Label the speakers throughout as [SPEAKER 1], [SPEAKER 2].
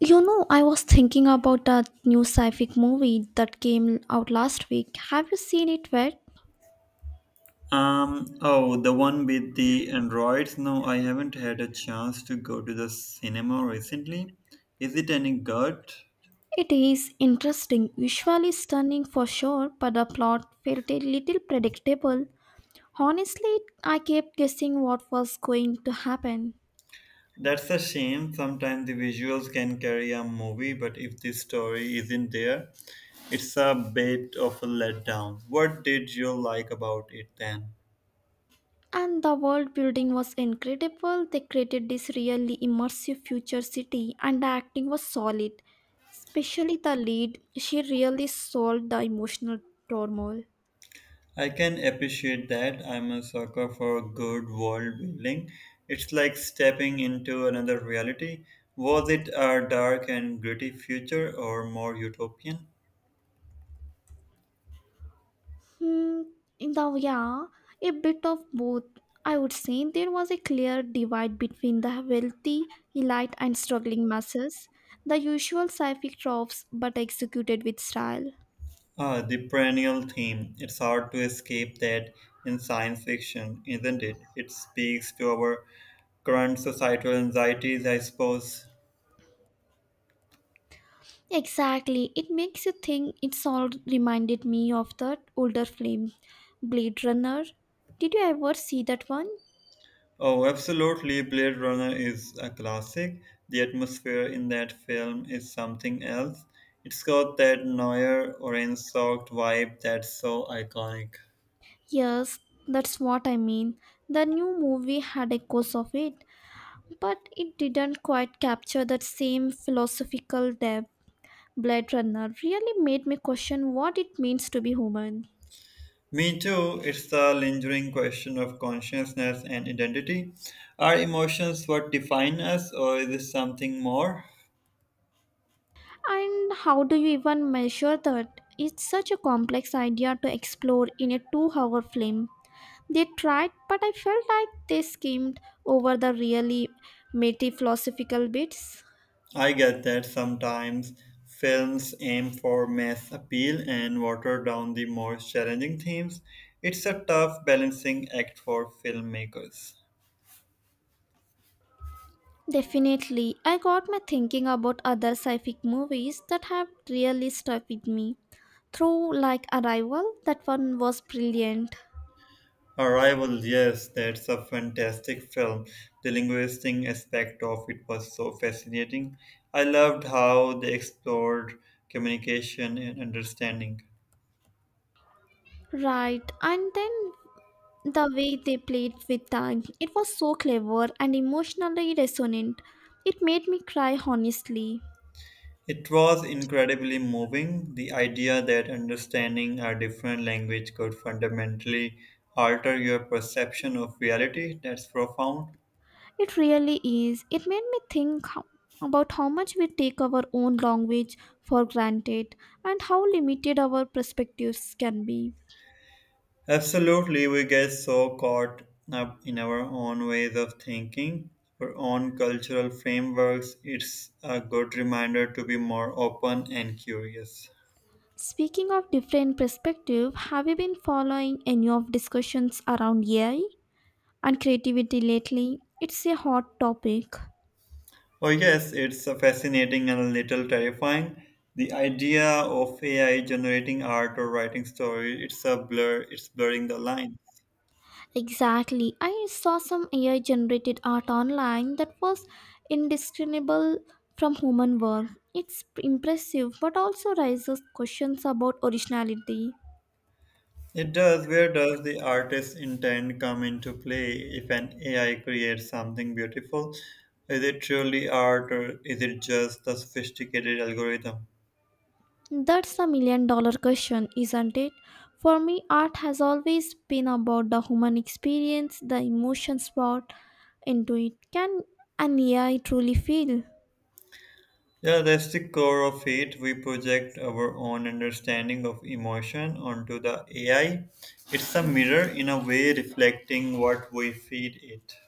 [SPEAKER 1] You know, I was thinking about that new sci-fi movie that came out last week. Have you seen it yet?
[SPEAKER 2] Oh, the one with the androids? No, I haven't had a chance to go to the cinema recently. Is it any good?
[SPEAKER 1] It is interesting, visually stunning for sure, but the plot felt a little predictable. Honestly, I kept guessing what was going to happen.
[SPEAKER 2] That's a shame. Sometimes the visuals can carry a movie, but if the story isn't there, it's a bit of a letdown. What did you like about it then?
[SPEAKER 1] And the world building was incredible. They created this really immersive future city, and the acting was solid. Especially the lead, she really sold the emotional turmoil.
[SPEAKER 2] I can appreciate that. I'm a sucker for good world building. It's like stepping into another reality. Was it a dark and gritty future or more utopian?
[SPEAKER 1] Hmm, yeah, a bit of both. I would say there was a clear divide between the wealthy elite and struggling masses, the usual sci-fi tropes but executed with style.
[SPEAKER 2] Ah, the perennial theme. It's hard to escape that in science fiction, isn't it? It speaks to our current societal anxieties, I suppose.
[SPEAKER 1] Exactly, it makes you think. It's all reminded me of that older film, Blade Runner. Did you ever see that one?
[SPEAKER 2] Oh, absolutely. Blade Runner is a classic. The atmosphere in that film is something else. It's got that Neuer orange soaked vibe that's so iconic.
[SPEAKER 1] Yes, that's what I mean. The new movie had echoes of it, but it didn't quite capture that same philosophical depth. Blade Runner really made me question what it means to be human.
[SPEAKER 2] Me too. It's the lingering question of consciousness and identity. Are emotions what define us, or is it something more?
[SPEAKER 1] And how do you even measure that? It's such a complex idea to explore in a 2-hour film. They tried, but I felt like they skimmed over the really meaty philosophical bits.
[SPEAKER 2] I get that sometimes films aim for mass appeal and water down the more challenging themes. It's a tough balancing act for filmmakers.
[SPEAKER 1] Definitely, I got my thinking about other sci fi movies that have really stuck with me. Through like Arrival, that one was brilliant.
[SPEAKER 2] Arrival, yes, that's a fantastic film. The linguistic aspect of it was so fascinating. I loved how they explored communication and understanding.
[SPEAKER 1] Right, and then the way they played with time, it was so clever and emotionally resonant. It made me cry honestly.
[SPEAKER 2] It was incredibly moving, the idea that understanding a different language could fundamentally alter your perception of reality. That's profound.
[SPEAKER 1] It really is. It made me think how, about how much we take our own language for granted and how limited our perspectives can be.
[SPEAKER 2] Absolutely, we get so caught up in our own ways of thinking, our own cultural frameworks. It's a good reminder to be more open and curious.
[SPEAKER 1] Speaking of different perspective, have you been following any of discussions around AI and creativity lately? It's a hot topic.
[SPEAKER 2] Oh, yes, it's fascinating and a little terrifying. The idea of AI generating art or writing story, it's blurring the lines.
[SPEAKER 1] Exactly. I saw some AI generated art online that was indiscernible from human work. It's impressive but also raises questions about originality.
[SPEAKER 2] It does. Where does the artist's intent come into play if an AI creates something beautiful? Is it truly art or is it just a sophisticated algorithm?
[SPEAKER 1] That's $1 million question, isn't it? For me, art has always been about the human experience, the emotions brought into it. Can an AI truly feel?
[SPEAKER 2] Yeah, that's the core of it. We project our own understanding of emotion onto the AI. It's a mirror in a way reflecting what we feed it.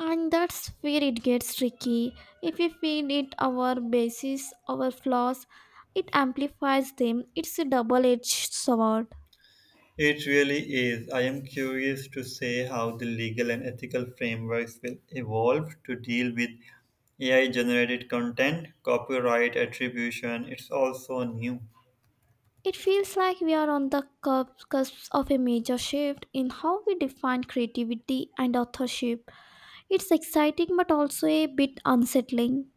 [SPEAKER 1] And that's where it gets tricky. If we feed it our bases, our flaws, it amplifies them. It's a double edged sword.
[SPEAKER 2] It really is. I am curious to see how the legal and ethical frameworks will evolve to deal with AI generated content, copyright attribution. It's also new.
[SPEAKER 1] It feels like we are on the cusp of a major shift in how we define creativity and authorship. It's exciting but also a bit unsettling.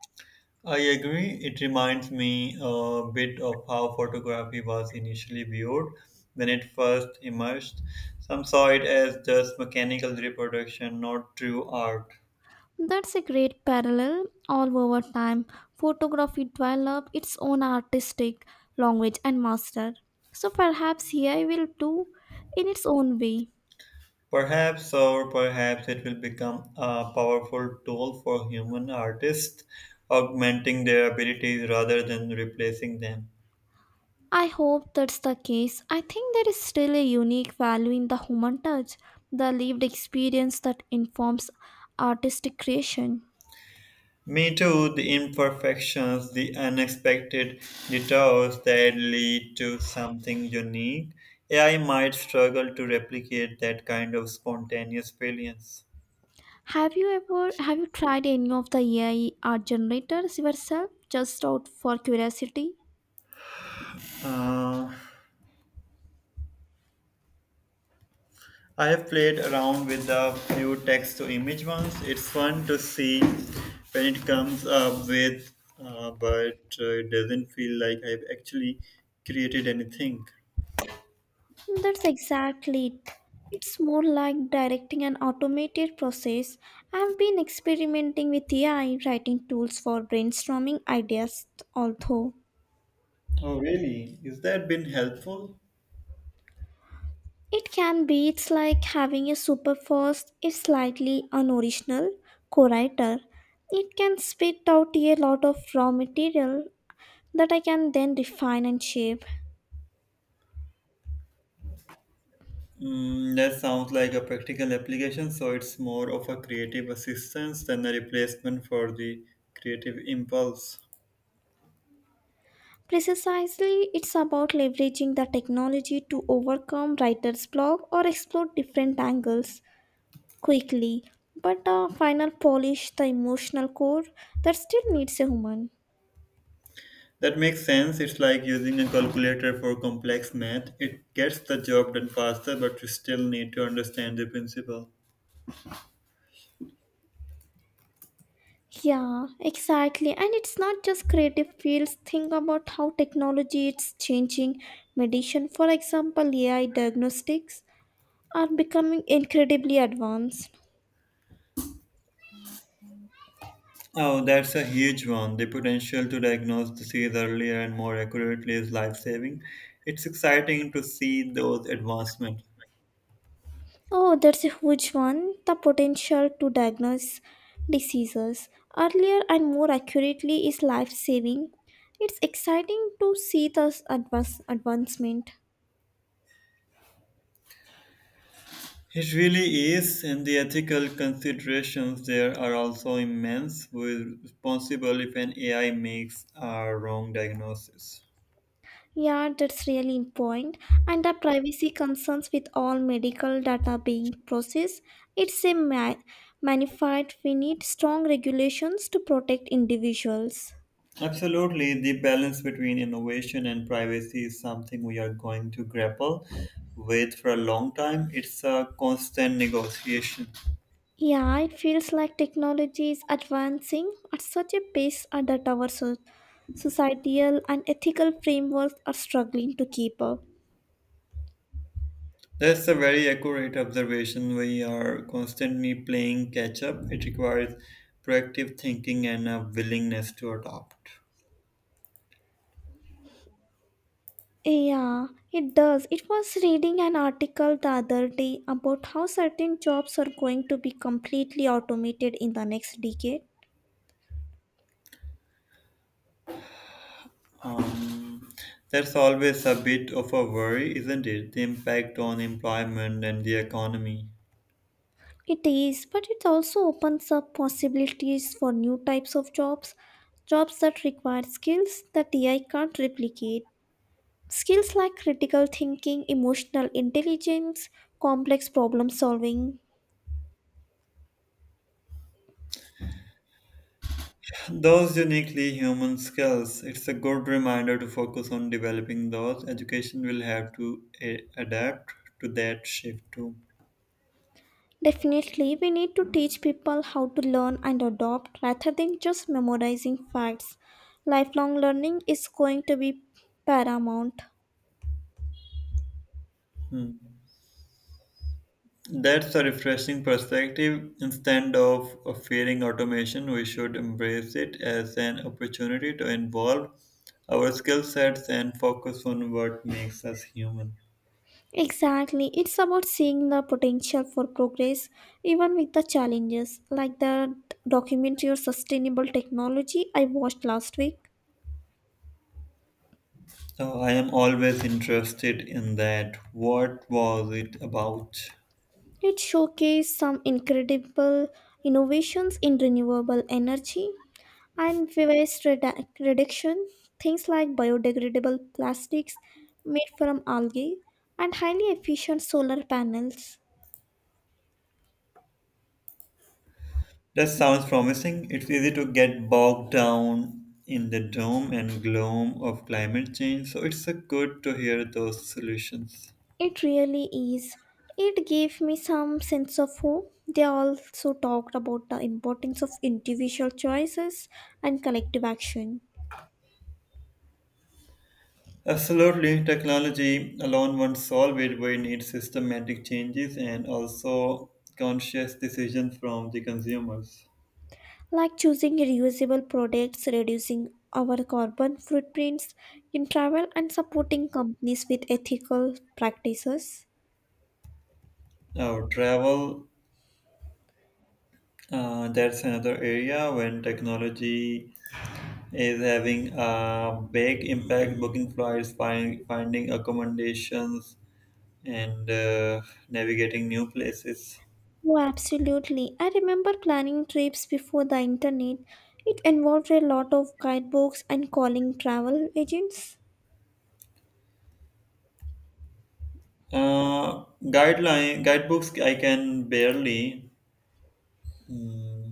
[SPEAKER 2] I agree. It reminds me a bit of how photography was initially viewed when it first emerged. Some saw it as just mechanical reproduction, not true art.
[SPEAKER 1] That's a great parallel. All over time, photography developed its own artistic language and master. So perhaps AI will do in its own way.
[SPEAKER 2] Perhaps, or perhaps it will become a powerful tool for human artists, augmenting their abilities rather than replacing them.
[SPEAKER 1] I hope that's the case. I think there is still a unique value in the human touch, the lived experience that informs artistic creation.
[SPEAKER 2] Me too, the imperfections, the unexpected detours that lead to something unique. AI might struggle to replicate that kind of spontaneous brilliance.
[SPEAKER 1] Have you tried any of the AI art generators yourself just out for curiosity?
[SPEAKER 2] Uh, I have played around with a few text to image ones. It's fun to see when it comes up with, but it doesn't feel like I've actually created anything.
[SPEAKER 1] That's exactly it. It's more like directing an automated process. I've been experimenting with AI writing tools for brainstorming ideas, although
[SPEAKER 2] Oh, really? Is that been helpful?
[SPEAKER 1] it can be it's like having a super fast, if slightly unoriginal, co-writer. It can spit out a lot of raw material that I can then refine and shape.
[SPEAKER 2] That sounds like a practical application, so it's more of a creative assistance than a replacement for the creative impulse.
[SPEAKER 1] Precisely, it's about leveraging the technology to overcome writer's block or explore different angles quickly, but a final polish the emotional core that still needs a human.
[SPEAKER 2] That makes sense. It's like using a calculator for complex math. It gets the job done faster, but you still need to understand the principle.
[SPEAKER 1] Yeah, exactly. And it's not just creative fields. Think about how technology is changing medicine. For example, AI diagnostics are becoming incredibly advanced.
[SPEAKER 2] Oh, that's a huge one. The potential to diagnose disease earlier and more accurately is life saving. It's exciting to see those advancements.
[SPEAKER 1] Oh, that's a huge one. The potential to diagnose diseases earlier and more accurately is life saving. It's exciting to see this advancement.
[SPEAKER 2] It really is, and the ethical considerations there are also immense. We're responsible if an AI makes a wrong diagnosis.
[SPEAKER 1] Yeah, that's really important. And the privacy concerns with all medical data being processed, it's a magnified. We need strong regulations to protect individuals.
[SPEAKER 2] Absolutely, the balance between innovation and privacy is something we are going to grapple with for a long time. It's a constant negotiation.
[SPEAKER 1] Yeah, it feels like technology is advancing at such a pace and that our societal and ethical frameworks are struggling to keep up.
[SPEAKER 2] That's a very accurate observation. We are constantly playing catch up. It requires proactive thinking and a willingness to adopt.
[SPEAKER 1] Yeah, it does. It was reading an article the other day about how certain jobs are going to be completely automated in the next decade.
[SPEAKER 2] Um, that's always a bit of a worry, isn't it? The impact on employment and the economy.
[SPEAKER 1] It is, but it also opens up possibilities for new types of jobs, jobs that require skills that AI can't replicate. Skills like critical thinking, emotional intelligence, complex problem solving.
[SPEAKER 2] Those uniquely human skills, it's a good reminder to focus on developing those. Education will have to adapt to that shift too.
[SPEAKER 1] Definitely, we need to teach people how to learn and adopt rather than just memorizing facts. Lifelong learning is going to be paramount.
[SPEAKER 2] Hmm. That's a refreshing perspective. Instead of fearing automation, we should embrace it as an opportunity to involve our skill sets and focus on what makes us human.
[SPEAKER 1] Exactly, it's about seeing the potential for progress even with the challenges, like the documentary on sustainable technology I watched last week.
[SPEAKER 2] So I am always interested in that. What was it about?
[SPEAKER 1] It showcased some incredible innovations in renewable energy and waste reduction, things like biodegradable plastics made from algae and highly efficient solar panels.
[SPEAKER 2] That sounds promising. It's easy to get bogged down in the doom and gloom of climate change, so it's good to hear those solutions.
[SPEAKER 1] It really is. It gave me some sense of hope. They also talked about the importance of individual choices and collective action,
[SPEAKER 2] Absolutely, technology alone won't solve it. We need systematic changes and also conscious decisions from the consumers.
[SPEAKER 1] like choosing reusable products, reducing our carbon footprints in travel, and supporting companies with ethical practices.
[SPEAKER 2] Our travel, that's another area when technology is having a big impact booking flights finding accommodations and navigating new places.
[SPEAKER 1] Oh, absolutely. I remember planning trips before the internet. It involved a lot of guidebooks and calling travel agents.
[SPEAKER 2] Uh, guideline guidebooks I can barely, mm,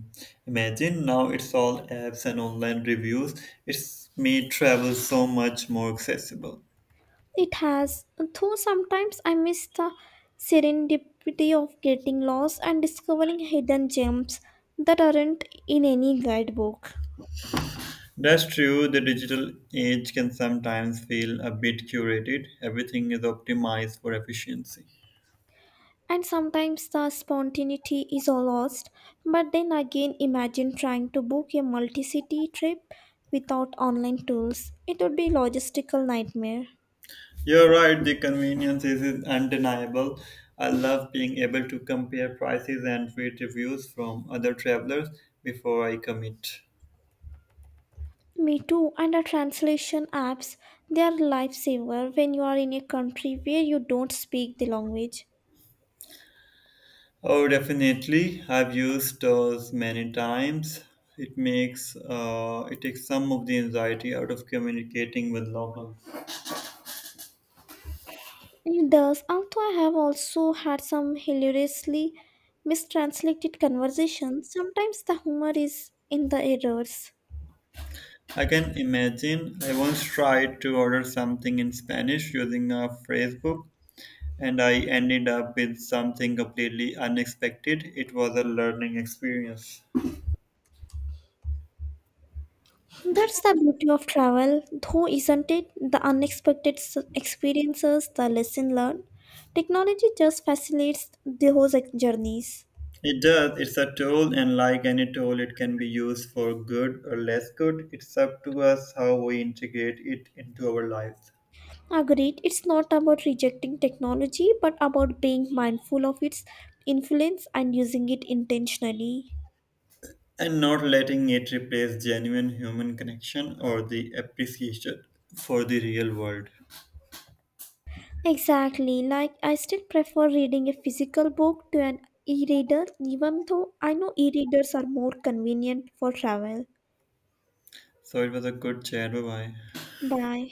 [SPEAKER 2] imagine now, it's all apps and online reviews. It's made travel so much more accessible.
[SPEAKER 1] It has, though sometimes I miss the serendipity of getting lost and discovering hidden gems that aren't in any guidebook.
[SPEAKER 2] That's true, the digital age can sometimes feel a bit curated, everything is optimized for efficiency.
[SPEAKER 1] And sometimes the spontaneity is all lost, but then again, imagine trying to book a multi city trip without online tools. It would be a logistical nightmare.
[SPEAKER 2] You're right, the convenience is undeniable. I love being able to compare prices and read reviews from other travelers before I commit.
[SPEAKER 1] Me too, and the translation apps, they are lifesaver when you are in a country where you don't speak the language.
[SPEAKER 2] Oh, definitely. I've used those many times. It makes it takes some of the anxiety out of communicating with locals.
[SPEAKER 1] It does, although I have also had some hilariously mistranslated conversations, sometimes the humor is in the errors.
[SPEAKER 2] I can imagine. I once tried to order something in Spanish using a phrase book, and I ended up with something completely unexpected. It was a learning experience.
[SPEAKER 1] That's the beauty of travel, though, isn't it? The unexpected experiences, the lesson learned. Technology just facilitates those journeys.
[SPEAKER 2] It does. It's a tool, and like any tool, it can be used for good or less good. It's up to us how we integrate it into our lives
[SPEAKER 1] Agreed, it's not about rejecting technology but about being mindful of its influence and using it intentionally.
[SPEAKER 2] and not letting it replace genuine human connection or the appreciation for the real world.
[SPEAKER 1] Exactly, like I still prefer reading a physical book to an e reader, even though I know e readers are more convenient for travel.
[SPEAKER 2] So it was a good chat. Bye bye.
[SPEAKER 1] Bye.